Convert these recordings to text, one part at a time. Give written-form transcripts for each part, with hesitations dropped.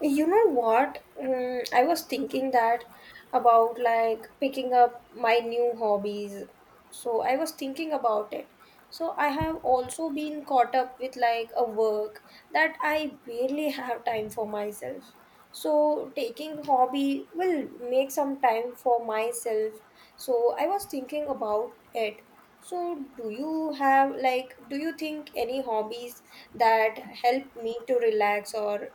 You know what? I was thinking that about like picking up my new hobbies. So I was thinking about it. So I have also been caught up with like a work that I barely have time for myself. So taking hobby will make some time for myself. So I was thinking about it. So do you have like do you think any hobbies that help me to relax, or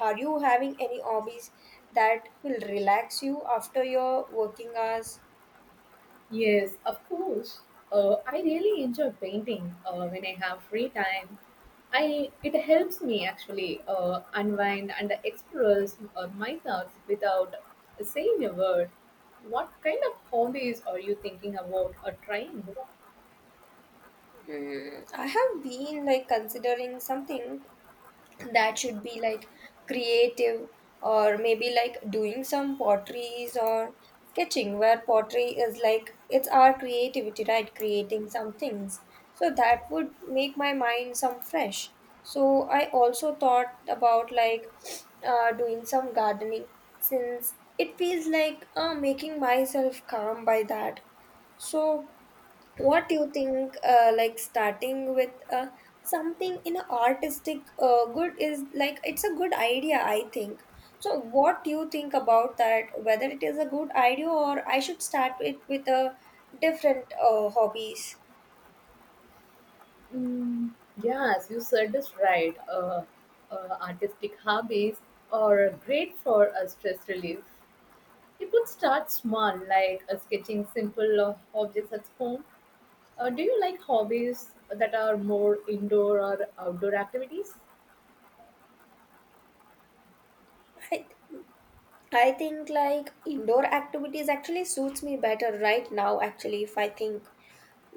are you having any hobbies that will relax you after your working hours? Yes, of course. I really enjoy painting when I have free time. I It helps me actually unwind and express my thoughts without saying a word. What kind of hobbies are you thinking about or trying? I have been like considering something that should be like creative, or maybe like doing some potteries or sketching, where pottery is like it's our creativity, right, creating some things, so that would make my mind some fresh. So I also thought about like doing some gardening, since it feels like making myself calm by that. So what do you think, like starting with something in an artistic good is like it's a good idea I think. So what do you think about that, whether it is a good idea or I should start it with a different hobbies? Mm, yes, you said this right. Artistic hobbies are great for stress relief. You could start small, like sketching simple objects at home. Do you like hobbies that are more indoor or outdoor activities? I, I think like indoor activities actually suits me better right now actually if I think.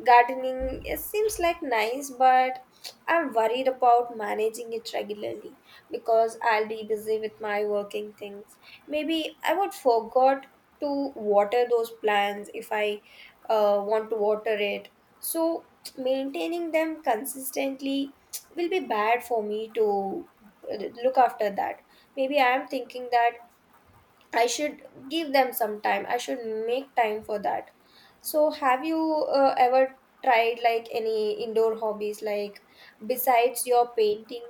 Gardening it seems like nice, but I'm worried about managing it regularly because I'll be busy with my working things. Maybe I would forgot to water those plants if I want to water it. So maintaining them consistently will be bad for me to uh, look after that. Maybe I am thinking that I should give them some time. I should make time for that. So, have you ever tried like any indoor hobbies, like besides your painting?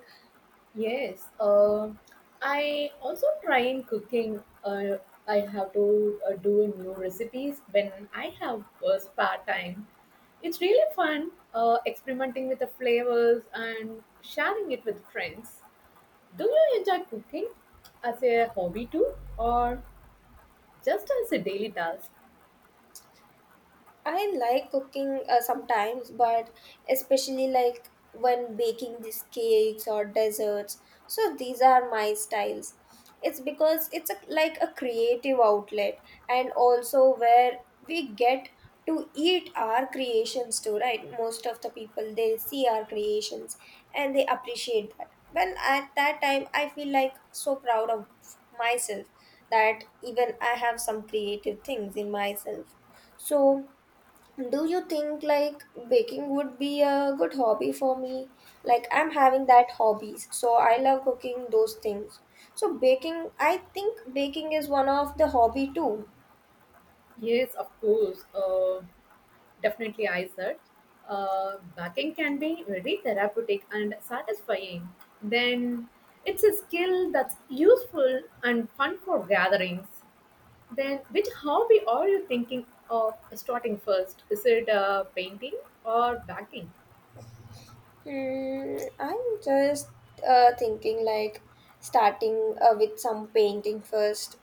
Yes, I also try in cooking. I have to do new recipes when I have spare time. It's really fun experimenting with the flavors and sharing it with friends. Do you enjoy cooking as a hobby too, or just as a daily task? I like cooking sometimes, but especially like when baking these cakes or desserts. So these are my styles. It's because it's a, like a creative outlet, and also where we get to eat our creations too, right? Most of the people they see our creations and they appreciate that. Well, at that time, I feel like so proud of myself that even I have some creative things in myself. So do you think like baking would be a good hobby for me, like I'm having that hobbies, so I love cooking those things, so baking I think baking is one of the hobby too. Yes, of course. Definitely, I said. Backing can be very therapeutic and satisfying. Then it's a skill that's useful and fun for gatherings. Then, which hobby are you thinking of starting first? Is it painting or backing? I'm just thinking like starting with some painting first,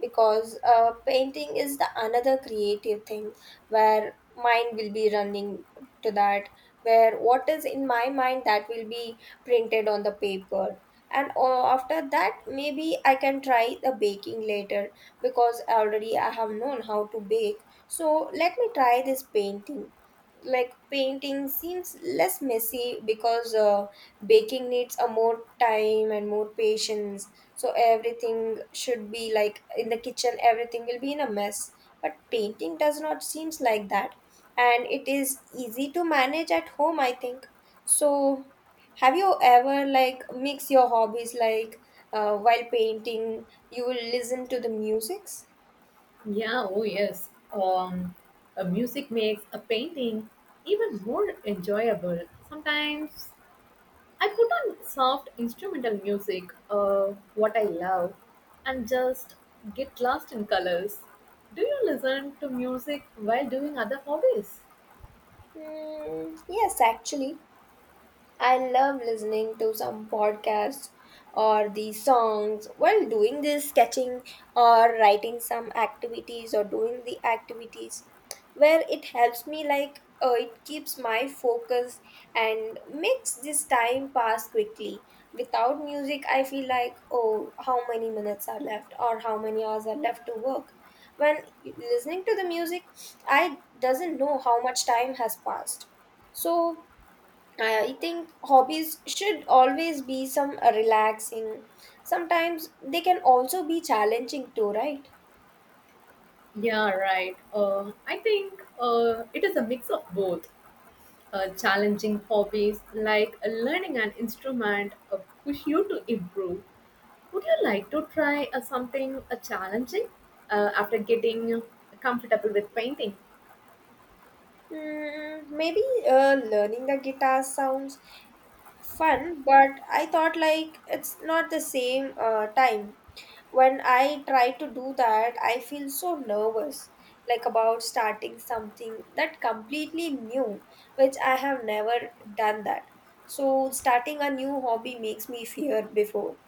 because painting is the another creative thing where mind will be running to that, where what is in my mind that will be printed on the paper, and after that maybe I can try the baking later, because already I have known how to bake, so let me try this painting. Like painting seems less messy because baking needs a more time and more patience, so everything should be like in the kitchen everything will be in a mess, but painting does not seems like that, and it is easy to manage at home I think. So have you ever like mix your hobbies, like while painting you will listen to the musics? Yeah, oh yes. A music makes a painting even more enjoyable. Sometimes I put on soft instrumental music, what I love, and just get lost in colors. Do you listen to music while doing other hobbies? Mm, yes actually, I love listening to some podcasts or the songs while doing this sketching or writing some activities or doing the activities, where it helps me like it keeps my focus and makes this time pass quickly. Without music, I feel like, oh, how many minutes are left or how many hours are left to work. When listening to the music, I doesn't know how much time has passed. So I think hobbies should always be some relaxing. Sometimes they can also be challenging too, right? Yeah, right. I think it is a mix of both. Challenging hobbies like learning an instrument push you to improve. Would you like to try something challenging after getting comfortable with painting? Maybe learning the guitar sounds fun, but I thought like it's not the same time. When I try to do that, I feel so nervous, like about starting something that completely new, which I have never done that. So starting a new hobby makes me fear before.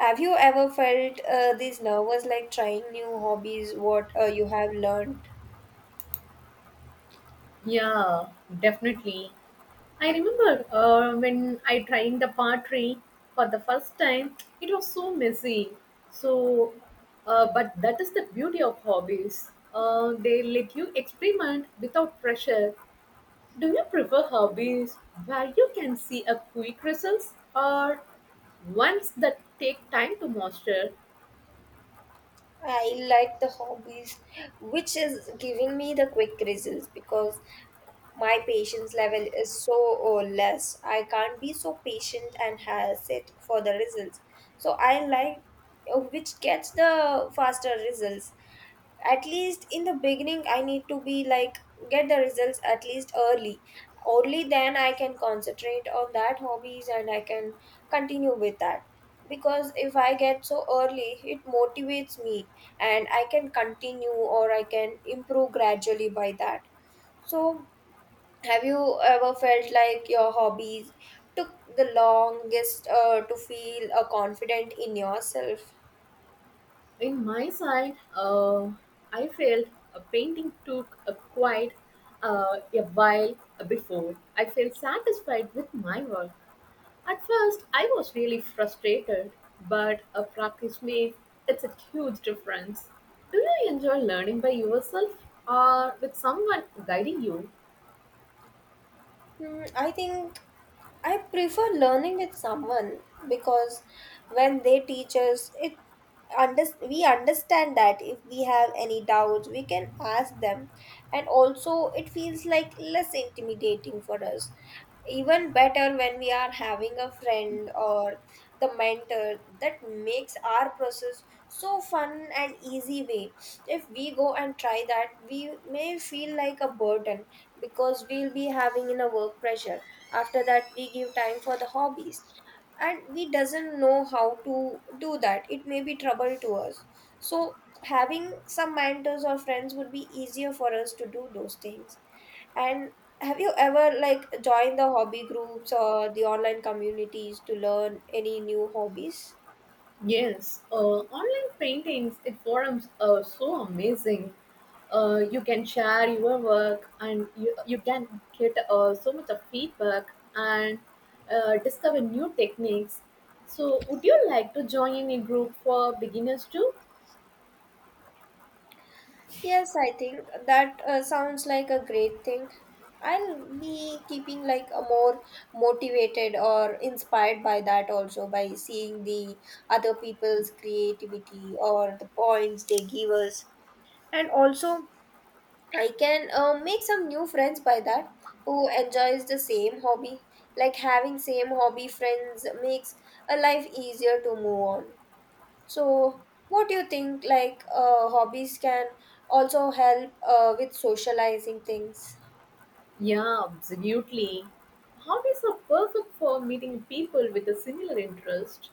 Have you ever felt these nervous like trying new hobbies, what you have learned? Yeah, definitely. I remember when I tried the pottery for the first time, it was so messy. So, but that is the beauty of hobbies. They let you experiment without pressure. Do you prefer hobbies where you can see a quick results or ones that take time to master? I like the hobbies which is giving me the quick results, because my patience level is so less. I can't be so patient and has it for the results. So I like which gets the faster results. At least in the beginning, I need to be like get the results at least early, only then I can concentrate on that hobbies and I can continue with that, because if I get so early it motivates me, and I can continue or I can improve gradually by that. So have you ever felt like your hobbies took the longest to feel confident in yourself? In my side, I felt a painting took a quite a while before I felt satisfied with my work. At first, I was really frustrated, but a practice made it's a huge difference. Do you enjoy learning by yourself or with someone guiding you? I think I prefer learning with someone, because when they teach us, it under, we understand that if we have any doubts, we can ask them, and also it feels like less intimidating for us. Even better when we are having a friend or the mentor that makes our process so fun and easy way. If we go and try that, we may feel like a burden, because we'll be having in a work pressure, after that we give time for the hobbies and we doesn't know how to do that, it may be trouble to us. So having some mentors or friends would be easier for us to do those things. And have you ever like joined the hobby groups or the online communities to learn any new hobbies? Yes, online paintings, it forums are so amazing. You can share your work and you can get so much of feedback and discover new techniques. So would you like to join a group for beginners too? Yes, I think that sounds like a great thing. I'll be keeping like a more motivated or inspired by that, also by seeing the other people's creativity or the points they give us. And also I can make some new friends by that who enjoys the same hobby. Like having same hobby friends makes a life easier to move on. So, what do you think? Like, hobbies can also help with socializing things. Yeah, absolutely. Hobbies are perfect for meeting people with a similar interest.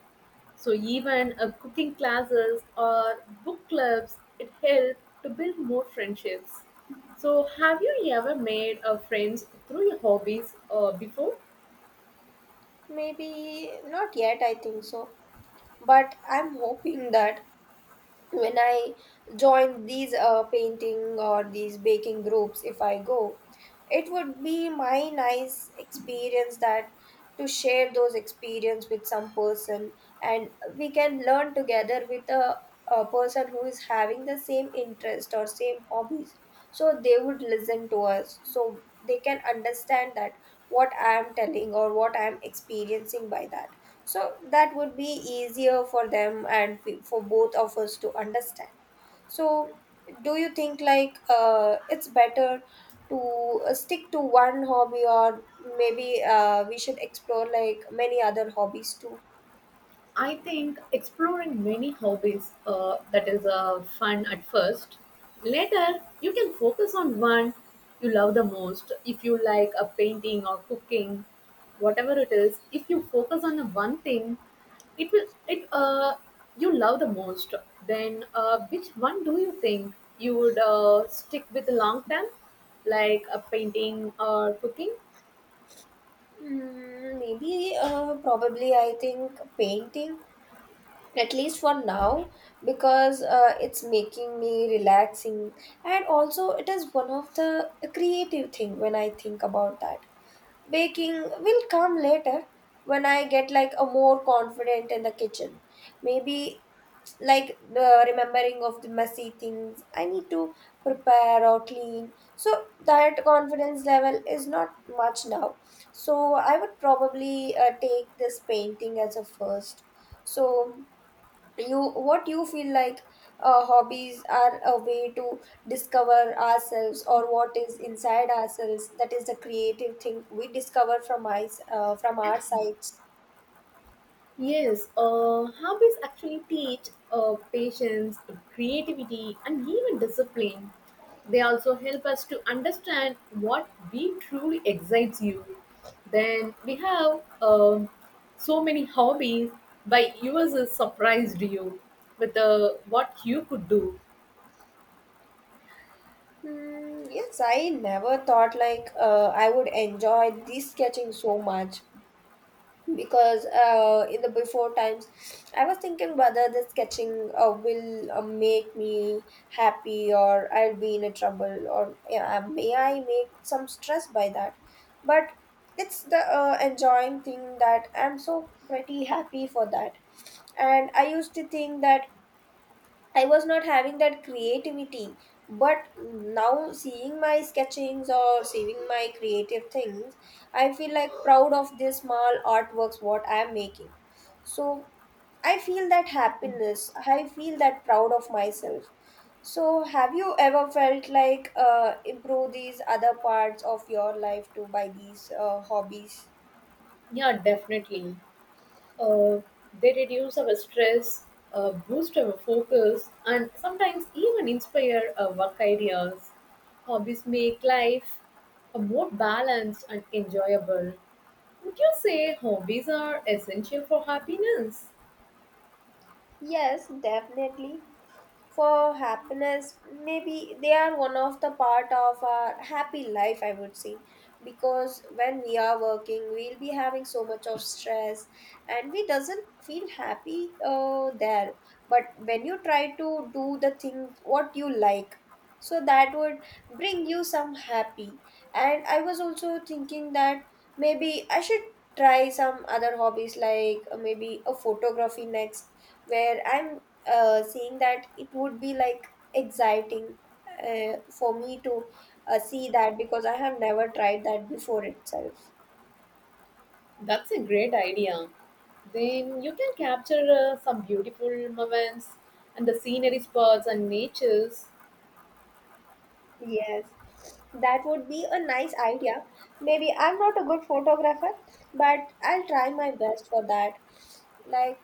So even cooking classes or book clubs, it helps to build more friendships. So have you ever made friends through your hobbies before? Maybe not yet, I think so. But I'm hoping that when I join these painting or these baking groups, if I go, it would be my nice experience, that to share those experience with some person, and we can learn together with a person who is having the same interest or same hobbies, so they would listen to us, so they can understand that what I am telling or what I am experiencing by that. So that would be easier for them and for both of us to understand. So, do you think like it's better to stick to one hobby, or maybe we should explore like many other hobbies too? I think exploring many hobbies, that is fun at first. Later, you can focus on one you love the most. If you like a painting or cooking, whatever it is, if you focus on the one thing, it will it you love the most. Then, which one do you think you would stick with long term, like a painting or cooking? Maybe, probably, I think painting, at least for now, because it's making me relaxing, and also it is one of the creative thing when I think about that. Baking will come later when I get like a more confident in the kitchen. Maybe like the remembering of the messy things I need to prepare or clean. So that confidence level is not much now. So I would probably take this painting as a first. So you what you feel like hobbies are a way to discover ourselves or what is inside ourselves, that is the creative thing we discover from my from our sides. Yes, hobbies actually teach patience, creativity, and even discipline. They also help us to understand what we truly excites you. Then we have so many hobbies, by yours is surprised you with what you could do. Hmm, yes, I never thought like I would enjoy this sketching so much, because in the before times I was thinking whether the sketching will make me happy or I'll be in a trouble, or yeah, may I make some stress by that, but it's the enjoying thing that I'm so pretty happy for that, and I used to think that I was not having that creativity, but now seeing my sketchings or seeing my creative things, I feel like proud of this small artworks what I am making. So I feel that happiness. I feel that proud of myself. So have you ever felt like improve these other parts of your life too by these hobbies? Yeah, definitely. Uh, they reduce our stress, boost our focus, and sometimes even inspire our work ideas. Hobbies make life a more balanced and enjoyable. Would you say hobbies are essential for happiness? Yes, definitely. For happiness, maybe they are one of the part of our happy life I would say, because when we are working we'll be having so much of stress and we doesn't feel happy there, but when you try to do the thing what you like, so that would bring you some happy. And I was also thinking that maybe I should try some other hobbies like maybe a photography next, where I'm saying that it would be like exciting for me to see that, because I have never tried that before itself. That's a great idea. Then you can capture some beautiful moments and the scenery spots and natures. Yes, that would be a nice idea. Maybe I'm not a good photographer, but I'll try my best for that. Like,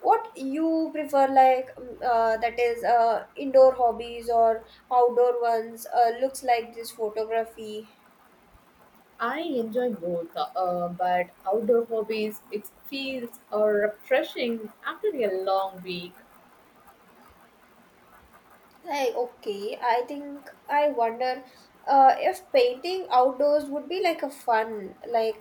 what you prefer, like, that is indoor hobbies or outdoor ones, looks like this photography. I enjoy both, but outdoor hobbies, it feels refreshing after a long week. Hey, okay. I think I wonder if painting outdoors would be like a fun, like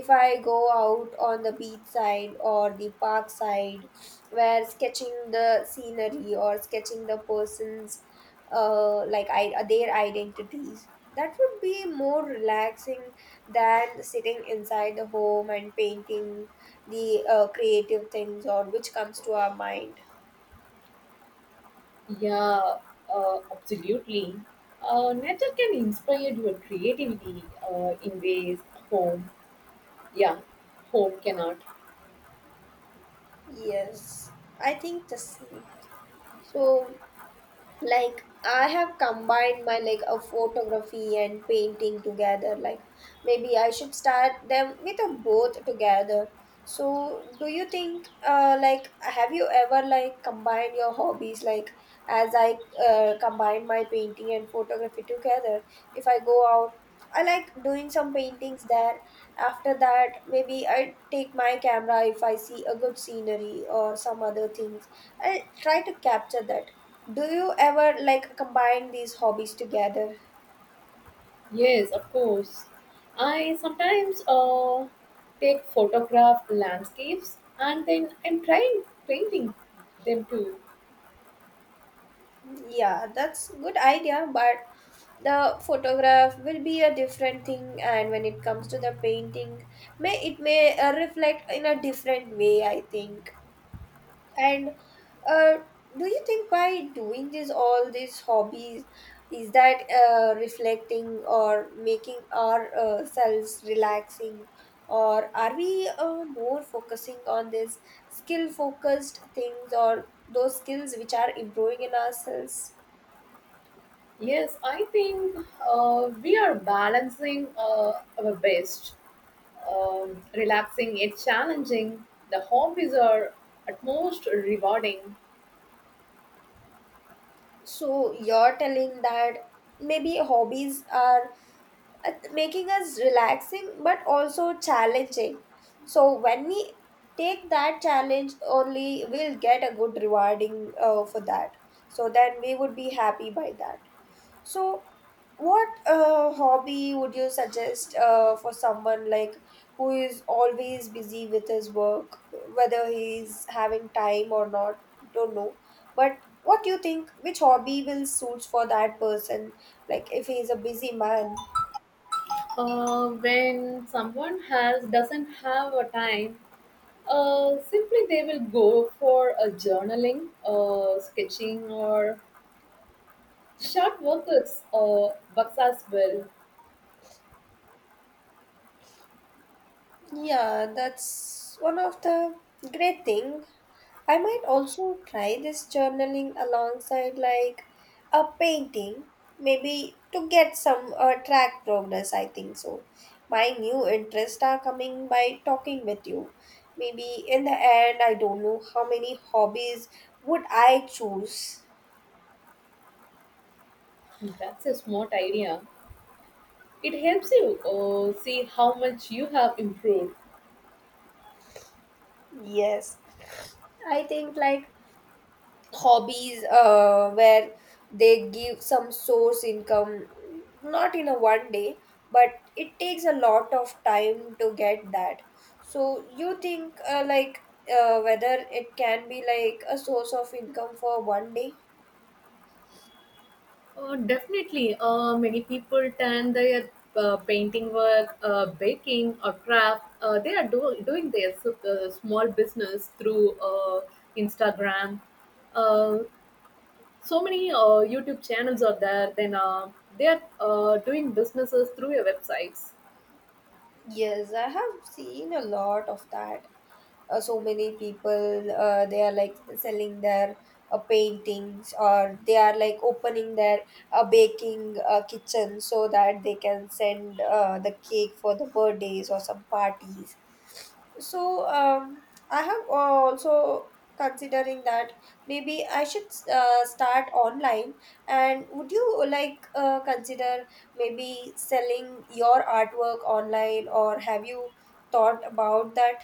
if I go out on the beach side or the park side, where sketching the scenery or sketching the person's like I their identities. That would be more relaxing than sitting inside the home and painting the creative things or which comes to our mind. Yeah, absolutely. Nature can inspire your creativity in ways home, yeah, home cannot. Yes, I think the same. So, like, I have combined my like a photography and painting together. Like, maybe I should start them with a both together. So, do you think, like, have you ever like combined your hobbies? Like, as I combine my painting and photography together, if I go out, I like doing some paintings there. After that, maybe I take my camera if I see a good scenery or some other things. I try to capture that, do you ever like combine these hobbies together? Yes, of course. I sometimes take photograph landscapes and then I'm trying painting them too. Yeah, that's good idea, but the photograph will be a different thing, and when it comes to the painting may it may reflect in a different way, I think. And uh, do you think by doing this, all these hobbies, is that reflecting or making our selves relaxing, or are we more focusing on this skill-focused things or those skills which are improving in ourselves? Yes, I think we are balancing our best, relaxing yet challenging. The hobbies are at most rewarding. So you're telling that maybe hobbies are making us relaxing but also challenging. So when we take that challenge, only we'll get a good rewarding for that. So then we would be happy by that. So what hobby would you suggest for someone like who is always busy with his work, whether he's having time or not, don't know. But what do you think? Which hobby will suits for that person? Like if he's a busy man. When someone has doesn't have a time, simply they will go for a journaling, sketching, or short workouts or bucks as well. Yeah, that's one of the great thing. I might also try this journaling alongside like a painting, maybe to get some track progress. I think so. My new interests are coming by talking with you. Maybe in the end, I don't know how many hobbies would I choose. That's a smart idea. It helps you see how much you have improved. Yes, I think like hobbies where they give some source income, not in a one day, but it takes a lot of time to get that. So you think like whether it can be like a source of income for one day. Definitely, many people turn their painting work, baking, or craft. Doing their small business through Instagram. Uh, so many YouTube channels are there. Then they are doing businesses through your websites. Yes, I have seen a lot of that. So many people, they are like selling their paintings, or they are like opening their baking kitchen so that they can send the cake for the birthdays or some parties. So I have also considering that maybe I should start online. And would you like consider maybe selling your artwork online, or have you thought about that?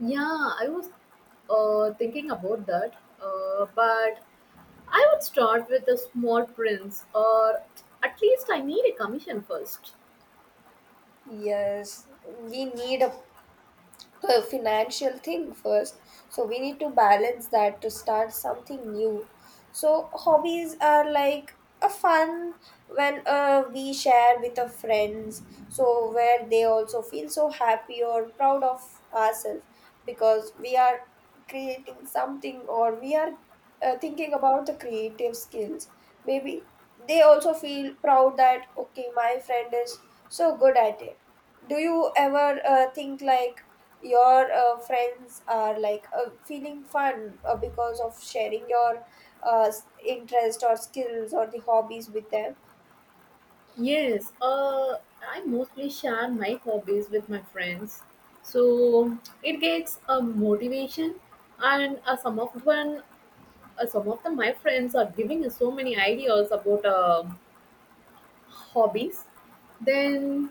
Yeah, I was thinking about that, but I would start with a small prints, or at least I need a commission first. Yes, we need a financial thing first. So we need to balance that to start something new. So hobbies are like a fun when we share with our friends. So where they also feel so happy or proud of ourselves, because we are creating something or we are thinking about the creative skills. Maybe they also feel proud that, okay, my friend is so good at it. Do you ever think like your friends are like feeling fun because of sharing your interest or skills or the hobbies with them? Yes, I mostly share my hobbies with my friends. So it gets a motivation, and some of the, my friends are giving us so many ideas about hobbies, then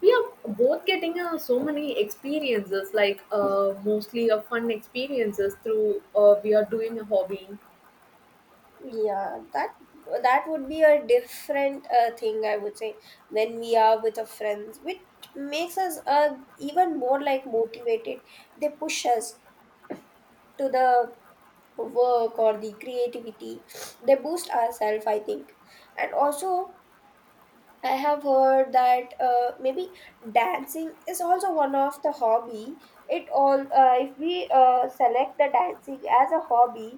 we are both getting so many experiences, like mostly fun experiences through we are doing a hobby. Yeah, that would be a different thing I would say, when we are with our friends, which makes us even more like motivated. They push us to the work or the creativity. They boost ourselves, I think. And also, I have heard that maybe dancing is also one of the hobby. It all, if we select the dancing as a hobby,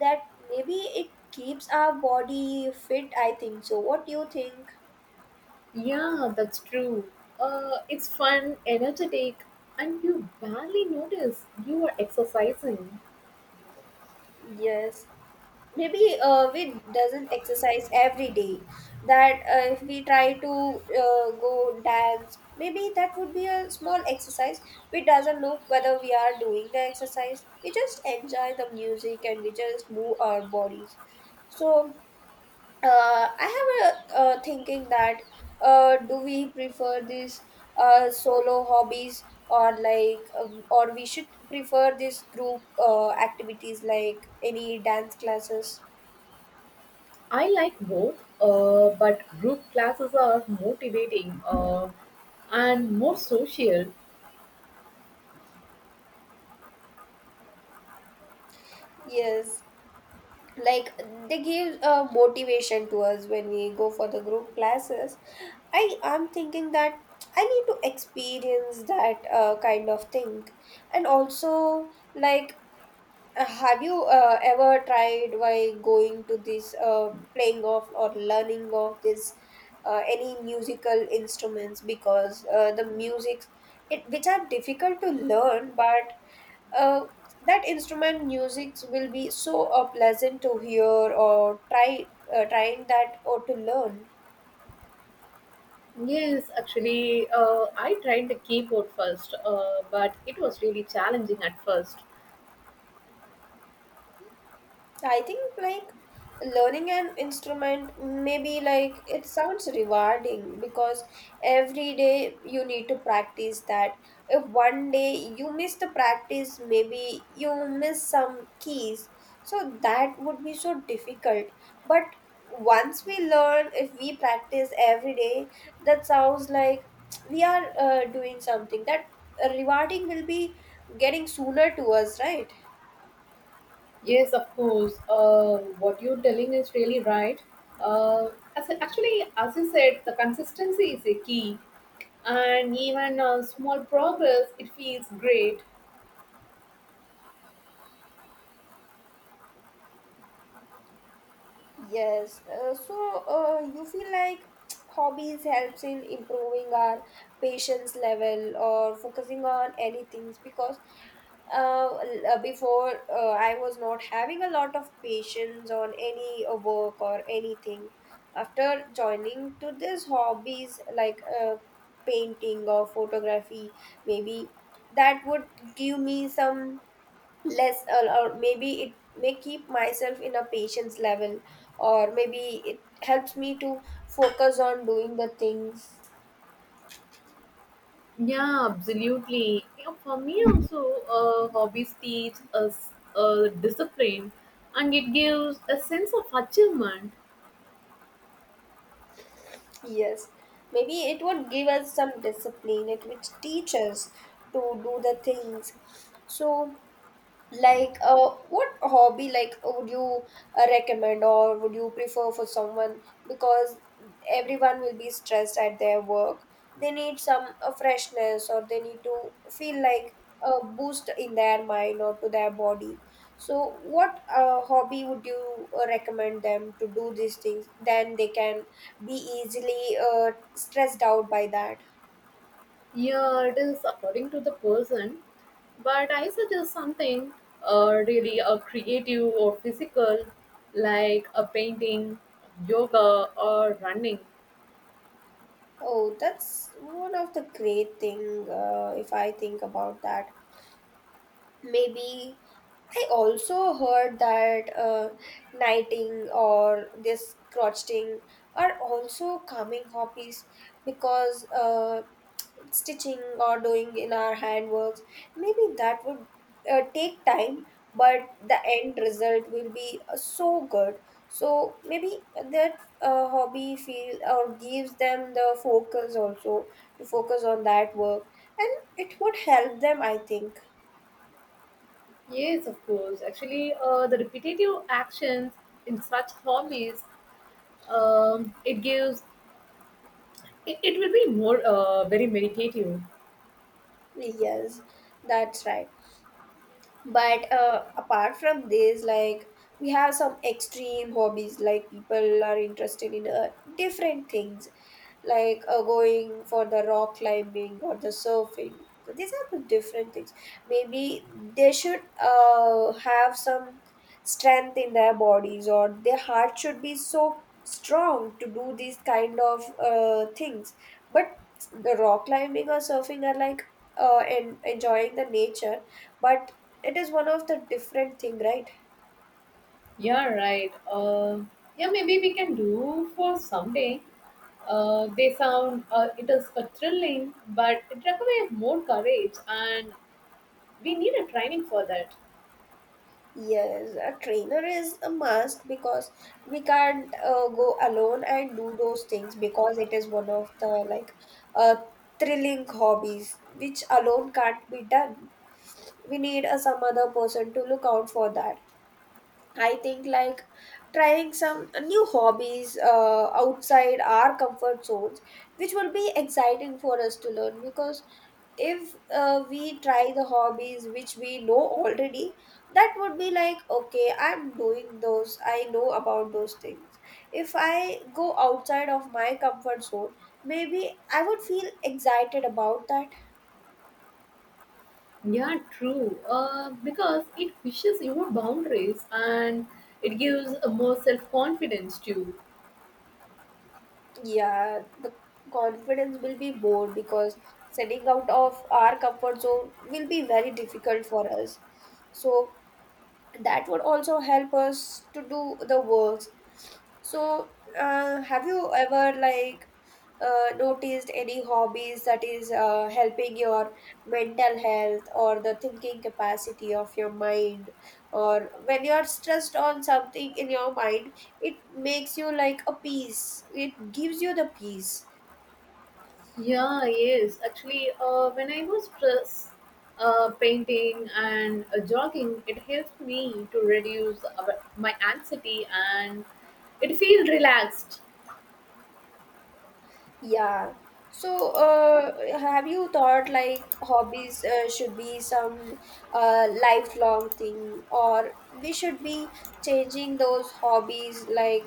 that maybe it keeps our body fit, I think. So what do you think? Yeah, that's true. It's fun, energetic, and you barely notice you are exercising. Yes, maybe we doesn't exercise every day. That if we try to go dance, maybe that would be a small exercise. We doesn't know whether we are doing the exercise, we just enjoy the music and we just move our bodies. So I have a thinking that do we prefer this solo hobbies, or like or we should prefer this group activities like any dance classes? I like both, but group classes are motivating and more social. Yes, like they give a motivation to us when we go for the group classes. I am thinking that I need to experience that kind of thing, and also like, have you ever tried by going to this playing of or learning of this any musical instruments, because the music it which are difficult to learn, but uh, that instrument music will be so pleasant to hear or try trying that or to learn. Yes, actually, I tried the keyboard first, but it was really challenging at first. I think like learning an instrument maybe like it sounds rewarding because every day you need to practice that. If one day you miss the practice, maybe you miss some keys. So that would be so difficult. But once we learn, if we practice every day, that sounds like we are doing something that rewarding will be getting sooner to us, right? Yes, of course. What you're telling is really right. Uh, as Actually, as you said, the consistency is a key. And even a small progress, it feels great. Yes, so you feel like hobbies helps in improving our patience level or focusing on any things, because before I was not having a lot of patience on any work or anything. After joining to this hobbies like painting or photography, maybe that would give me some less or maybe it may keep myself in a patience level, or maybe it helps me to focus on doing the things. Yeah, absolutely. Yeah, for me also, hobbies teach us discipline, and it gives a sense of achievement. Yes, maybe it would give us some discipline it which teach us to do the things. So like what hobby like would you recommend or would you prefer for someone, because everyone will be stressed at their work. They need some freshness or they need to feel like a boost in their mind or to their body. So what hobby would you recommend them to do these things, then they can be easily stressed out by that? Yeah, it is according to the person, but I suggest something really creative or physical, like a painting, yoga, or running. Oh, that's one of the great thing. If I think about that, maybe I also heard that knighting or this crocheting are also calming hobbies, because stitching or doing in our handworks, maybe that would take time, but the end result will be so good. So maybe that hobby feel or gives them the focus also to focus on that work, and it would help them, I think. Yes, of course. Actually, the repetitive actions in such hobbies it gives it will be more very meditative. Yes, that's right. But apart from this, like we have some extreme hobbies, like people are interested in different things like going for the rock climbing or the surfing. So these are the different things. Maybe they should have some strength in their bodies, or their heart should be so strong to do these kind of things. But the rock climbing or surfing are like enjoying the nature, but it is one of the different thing, right? Yeah, right. Yeah, maybe we can do for someday. They sound, it is a thrilling, but it requires more courage and we need a training for that. Yes, a trainer is a must, because we can't go alone and do those things, because it is one of the like uh, thrilling hobbies which alone can't be done. We need some other person to look out for that. I think like trying some new hobbies outside our comfort zones, which will be exciting for us to learn, because if we try the hobbies which we know already, that would be like, okay, I'm doing those, I know about those things. If I go outside of my comfort zone, maybe I would feel excited about that. Yeah, true. Because it pushes your boundaries and it gives a more self-confidence too. Yeah, the confidence will be more, because setting out of our comfort zone will be very difficult for us. So that would also help us to do the works. So, have you ever like noticed any hobbies that is helping your mental health or the thinking capacity of your mind, or when you are stressed on something in your mind, it makes you like a peace, it gives you the peace? Yeah, yes. Actually, when I was stressed, painting and jogging, it helped me to reduce my anxiety and it feel relaxed. Yeah, so have you thought like hobbies should be some lifelong thing, or we should be changing those hobbies like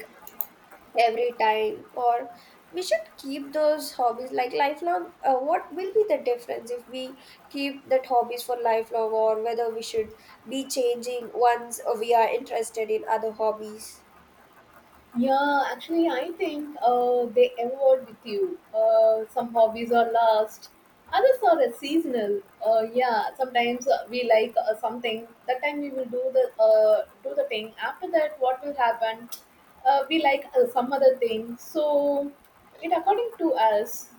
every time, or we should keep those hobbies like lifelong? What will be the difference if we keep that hobbies for lifelong, or whether we should be changing once we are interested in other hobbies? Yeah, actually, I think they evolve with you. Some hobbies are last, others are seasonal. Yeah, sometimes we like something. That time we will do the thing. After that, what will happen? We like some other thing. So it according to us.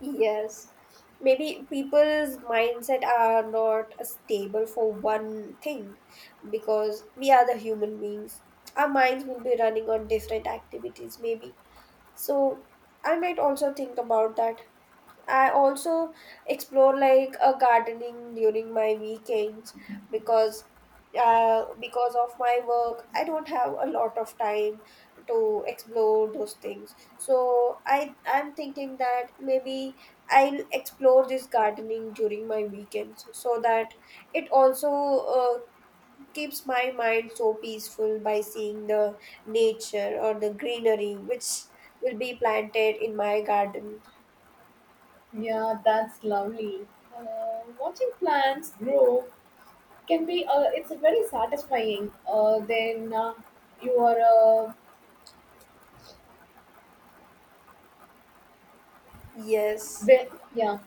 Yes, maybe people's mindset are not stable for one thing, because we are the human beings, our minds will be running on different activities maybe. So I might also think about that. I also explore like a gardening during my weekends, because because of my work I don't have a lot of time to explore those things. So I'm thinking that maybe I'll explore this gardening during my weekends so that it also keeps my mind so peaceful by seeing the nature or the greenery which will be planted in my garden. Yeah, that's lovely. Watching plants grow can be. It's very satisfying. Then you are. Yes. ve- yeah.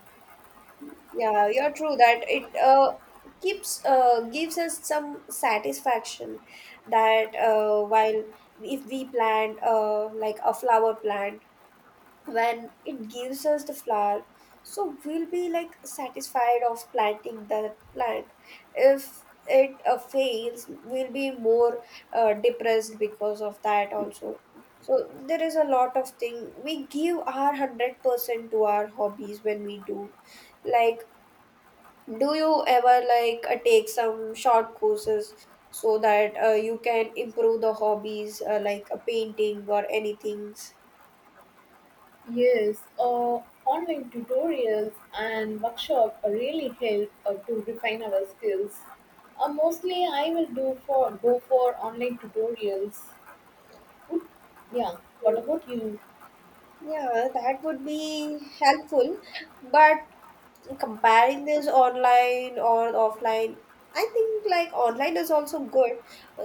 Yeah, you're true that it keeps gives us some satisfaction that while if we plant like a flower plant, when it gives us the flower, so we'll be like satisfied of planting that plant. If it fails, we'll be more depressed because of that also. So there is a lot of thing we give our 100% to our hobbies when we do like do you ever take some short courses so that you can improve the hobbies like painting or anything? Yes, online tutorials and workshop really help to refine our skills. Mostly, I will do for go for online tutorials. Good. Yeah. What about you? Yeah, that would be helpful. But comparing this online or offline, I think like online is also good.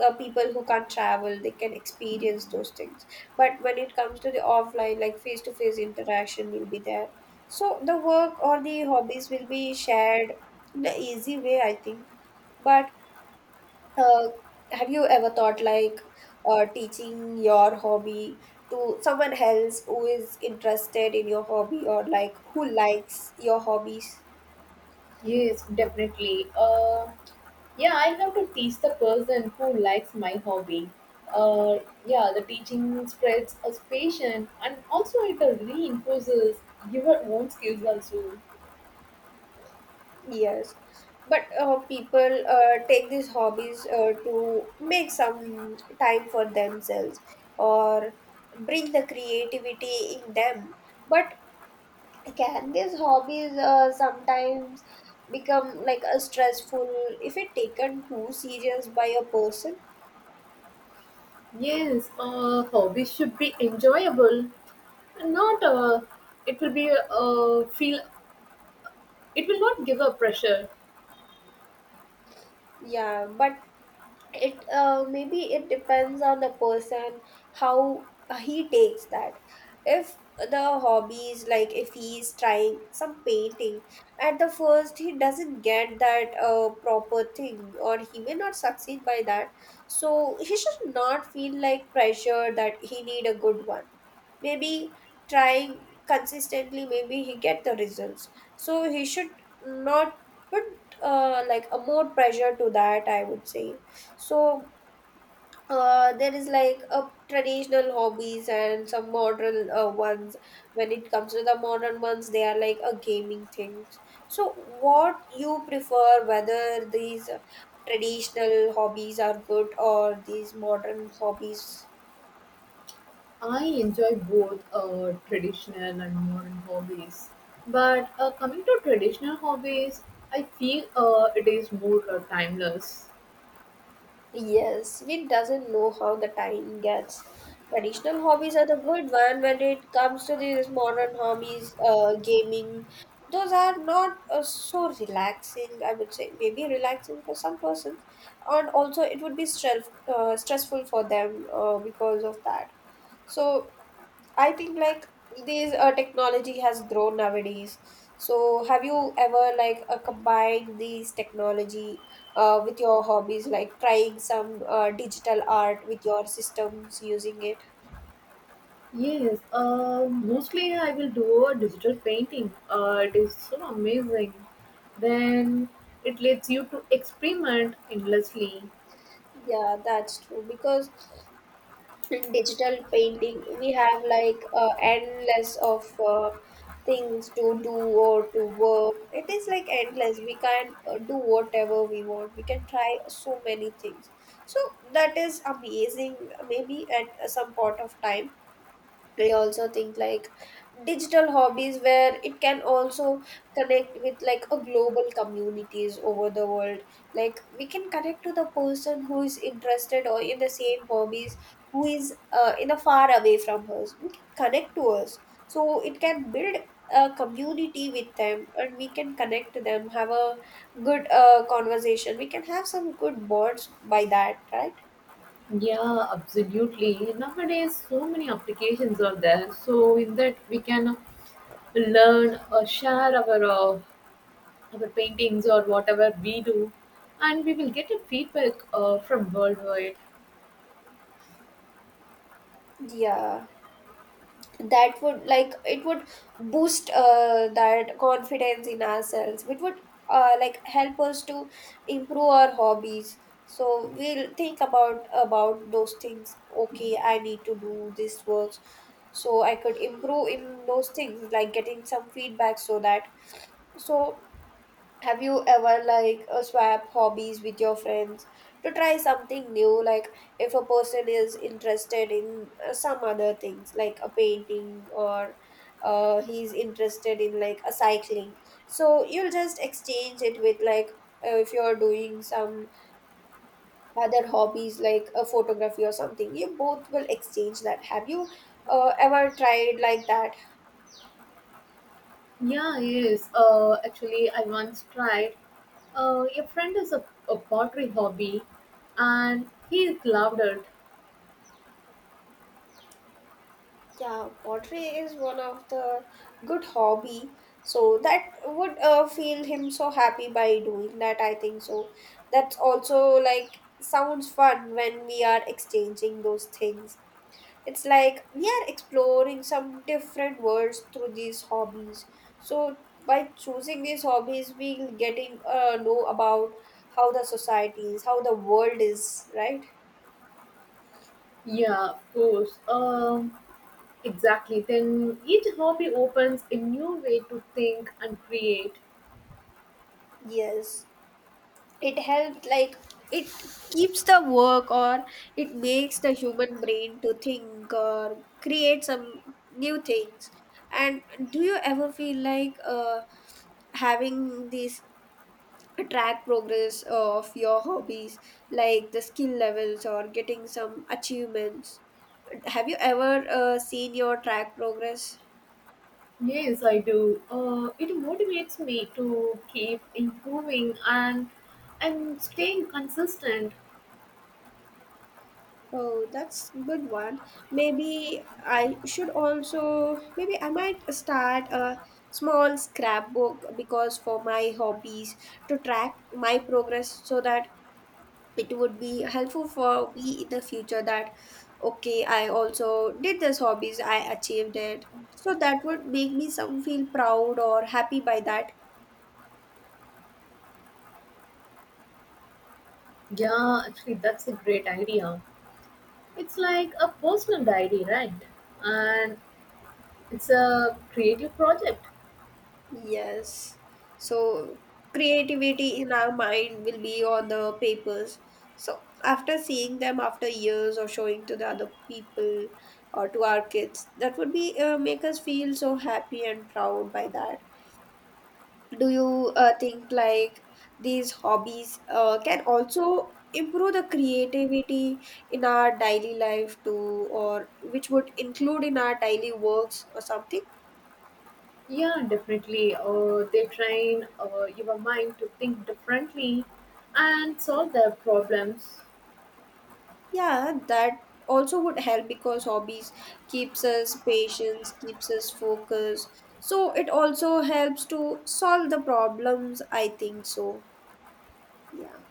People who can't travel, they can experience those things, but when it comes to the offline, like face to face interaction will be there, so the work or the hobbies will be shared in an easy way, I think. But uh, have you ever thought like teaching your hobby to someone else who is interested in your hobby or like who likes your hobbies? Yes, definitely. Yeah, I have to teach the person who likes my hobby. Uh, yeah, the teaching spreads a passion and also it reinforces your own skills also. Yes, but people take these hobbies to make some time for themselves or bring the creativity in them. But can these hobbies sometimes become like a stressful if it taken too serious by a person? Yes, hobbies should be enjoyable, not it will be feel it will not give a pressure. Yeah, but it maybe it depends on the person, how he takes that. If the hobbies, like if he's trying some painting at the first, he doesn't get that proper thing or he may not succeed by that, so he should not feel like pressure that he need a good one. Maybe trying consistently maybe he get the results, so he should not put like a more pressure to that, I would say. So there is like a traditional hobbies and some modern ones. When it comes to the modern ones, they are like a gaming things. So what you prefer, whether these traditional hobbies are good or these modern hobbies? I enjoy both traditional and modern hobbies, but coming to traditional hobbies, I feel it is more timeless. Yes, we doesn't know how the time gets. Traditional hobbies are the good one. When it comes to these modern hobbies, gaming, those are not so relaxing. I would say maybe relaxing for some persons, and also it would be stressful for them because of that. So I think like these technology has grown nowadays. So have you ever combined these technology with your hobbies, like trying some digital art with your systems using it? Yes, mostly I will do a digital painting. It is so amazing. Then it lets you to experiment endlessly. Yeah, that's true because in digital painting we have like endless of things to do or to work. It is like endless, we can do whatever we want, we can try so many things. So that is amazing. Maybe at some point of time we also think like digital hobbies where it can also connect with like a global communities over the world, like we can connect to the person who is interested or in the same hobbies who is in a far away from us, we can connect to us. So it can build a community with them and we can connect to them, have a good conversation, we can have some good bonds by that, right? Yeah, absolutely. Nowadays, so many applications are there. So in that we can learn or share our paintings or whatever we do, and we will get a feedback from worldwide. Yeah, that would like it would boost that confidence in ourselves. It would like help us to improve our hobbies. So we'll think about those things, okay, I need to do this work so I could improve in those things, like getting some feedback so that. So have you ever swap hobbies with your friends to try something new? Like if a person is interested in some other things like a painting or he's interested in like a cycling. So you'll just exchange it with like, if you're doing some other hobbies like a photography or something, you both will exchange that. Have you ever tried like that? Yeah, yes. Actually, I once tried. A friend has a pottery hobby, and he loved it. Yeah, pottery is one of the good hobby. So that would feel him so happy by doing that, I think so. That's also like sounds fun when we are exchanging those things. It's like we are exploring some different worlds through these hobbies. So by choosing these hobbies, we getting know about how the society is, how the world is, right? Yeah, of course. Exactly. Then each hobby opens a new way to think and create. Yes. It helps like it keeps the work or it makes the human brain to think or create some new things. And do you ever feel like having these track progress of your hobbies, like the skill levels or getting some achievements? Have you ever seen your track progress? Yes, I do. It motivates me to keep improving and staying consistent. Oh, that's good one. Maybe I should also, maybe I might start a small scrapbook because for my hobbies, to track my progress so that it would be helpful for me in the future that, okay, I also did this hobbies, I achieved it. So that would make me some feel proud or happy by that. Yeah, actually, that's a great idea. It's like a personal diary, right? And it's a creative project. Yes. So creativity in our mind will be on the papers. So after seeing them after years or showing to the other people or to our kids, that would be make us feel so happy and proud by that. Do you think like these hobbies can also improve the creativity in our daily life too, or which would include in our daily works or something? Yeah, definitely. They train your mind to think differently and solve their problems. Yeah, that also would help because hobbies keeps us patience, keeps us focused. So it also helps to solve the problems, I think so. Yeah.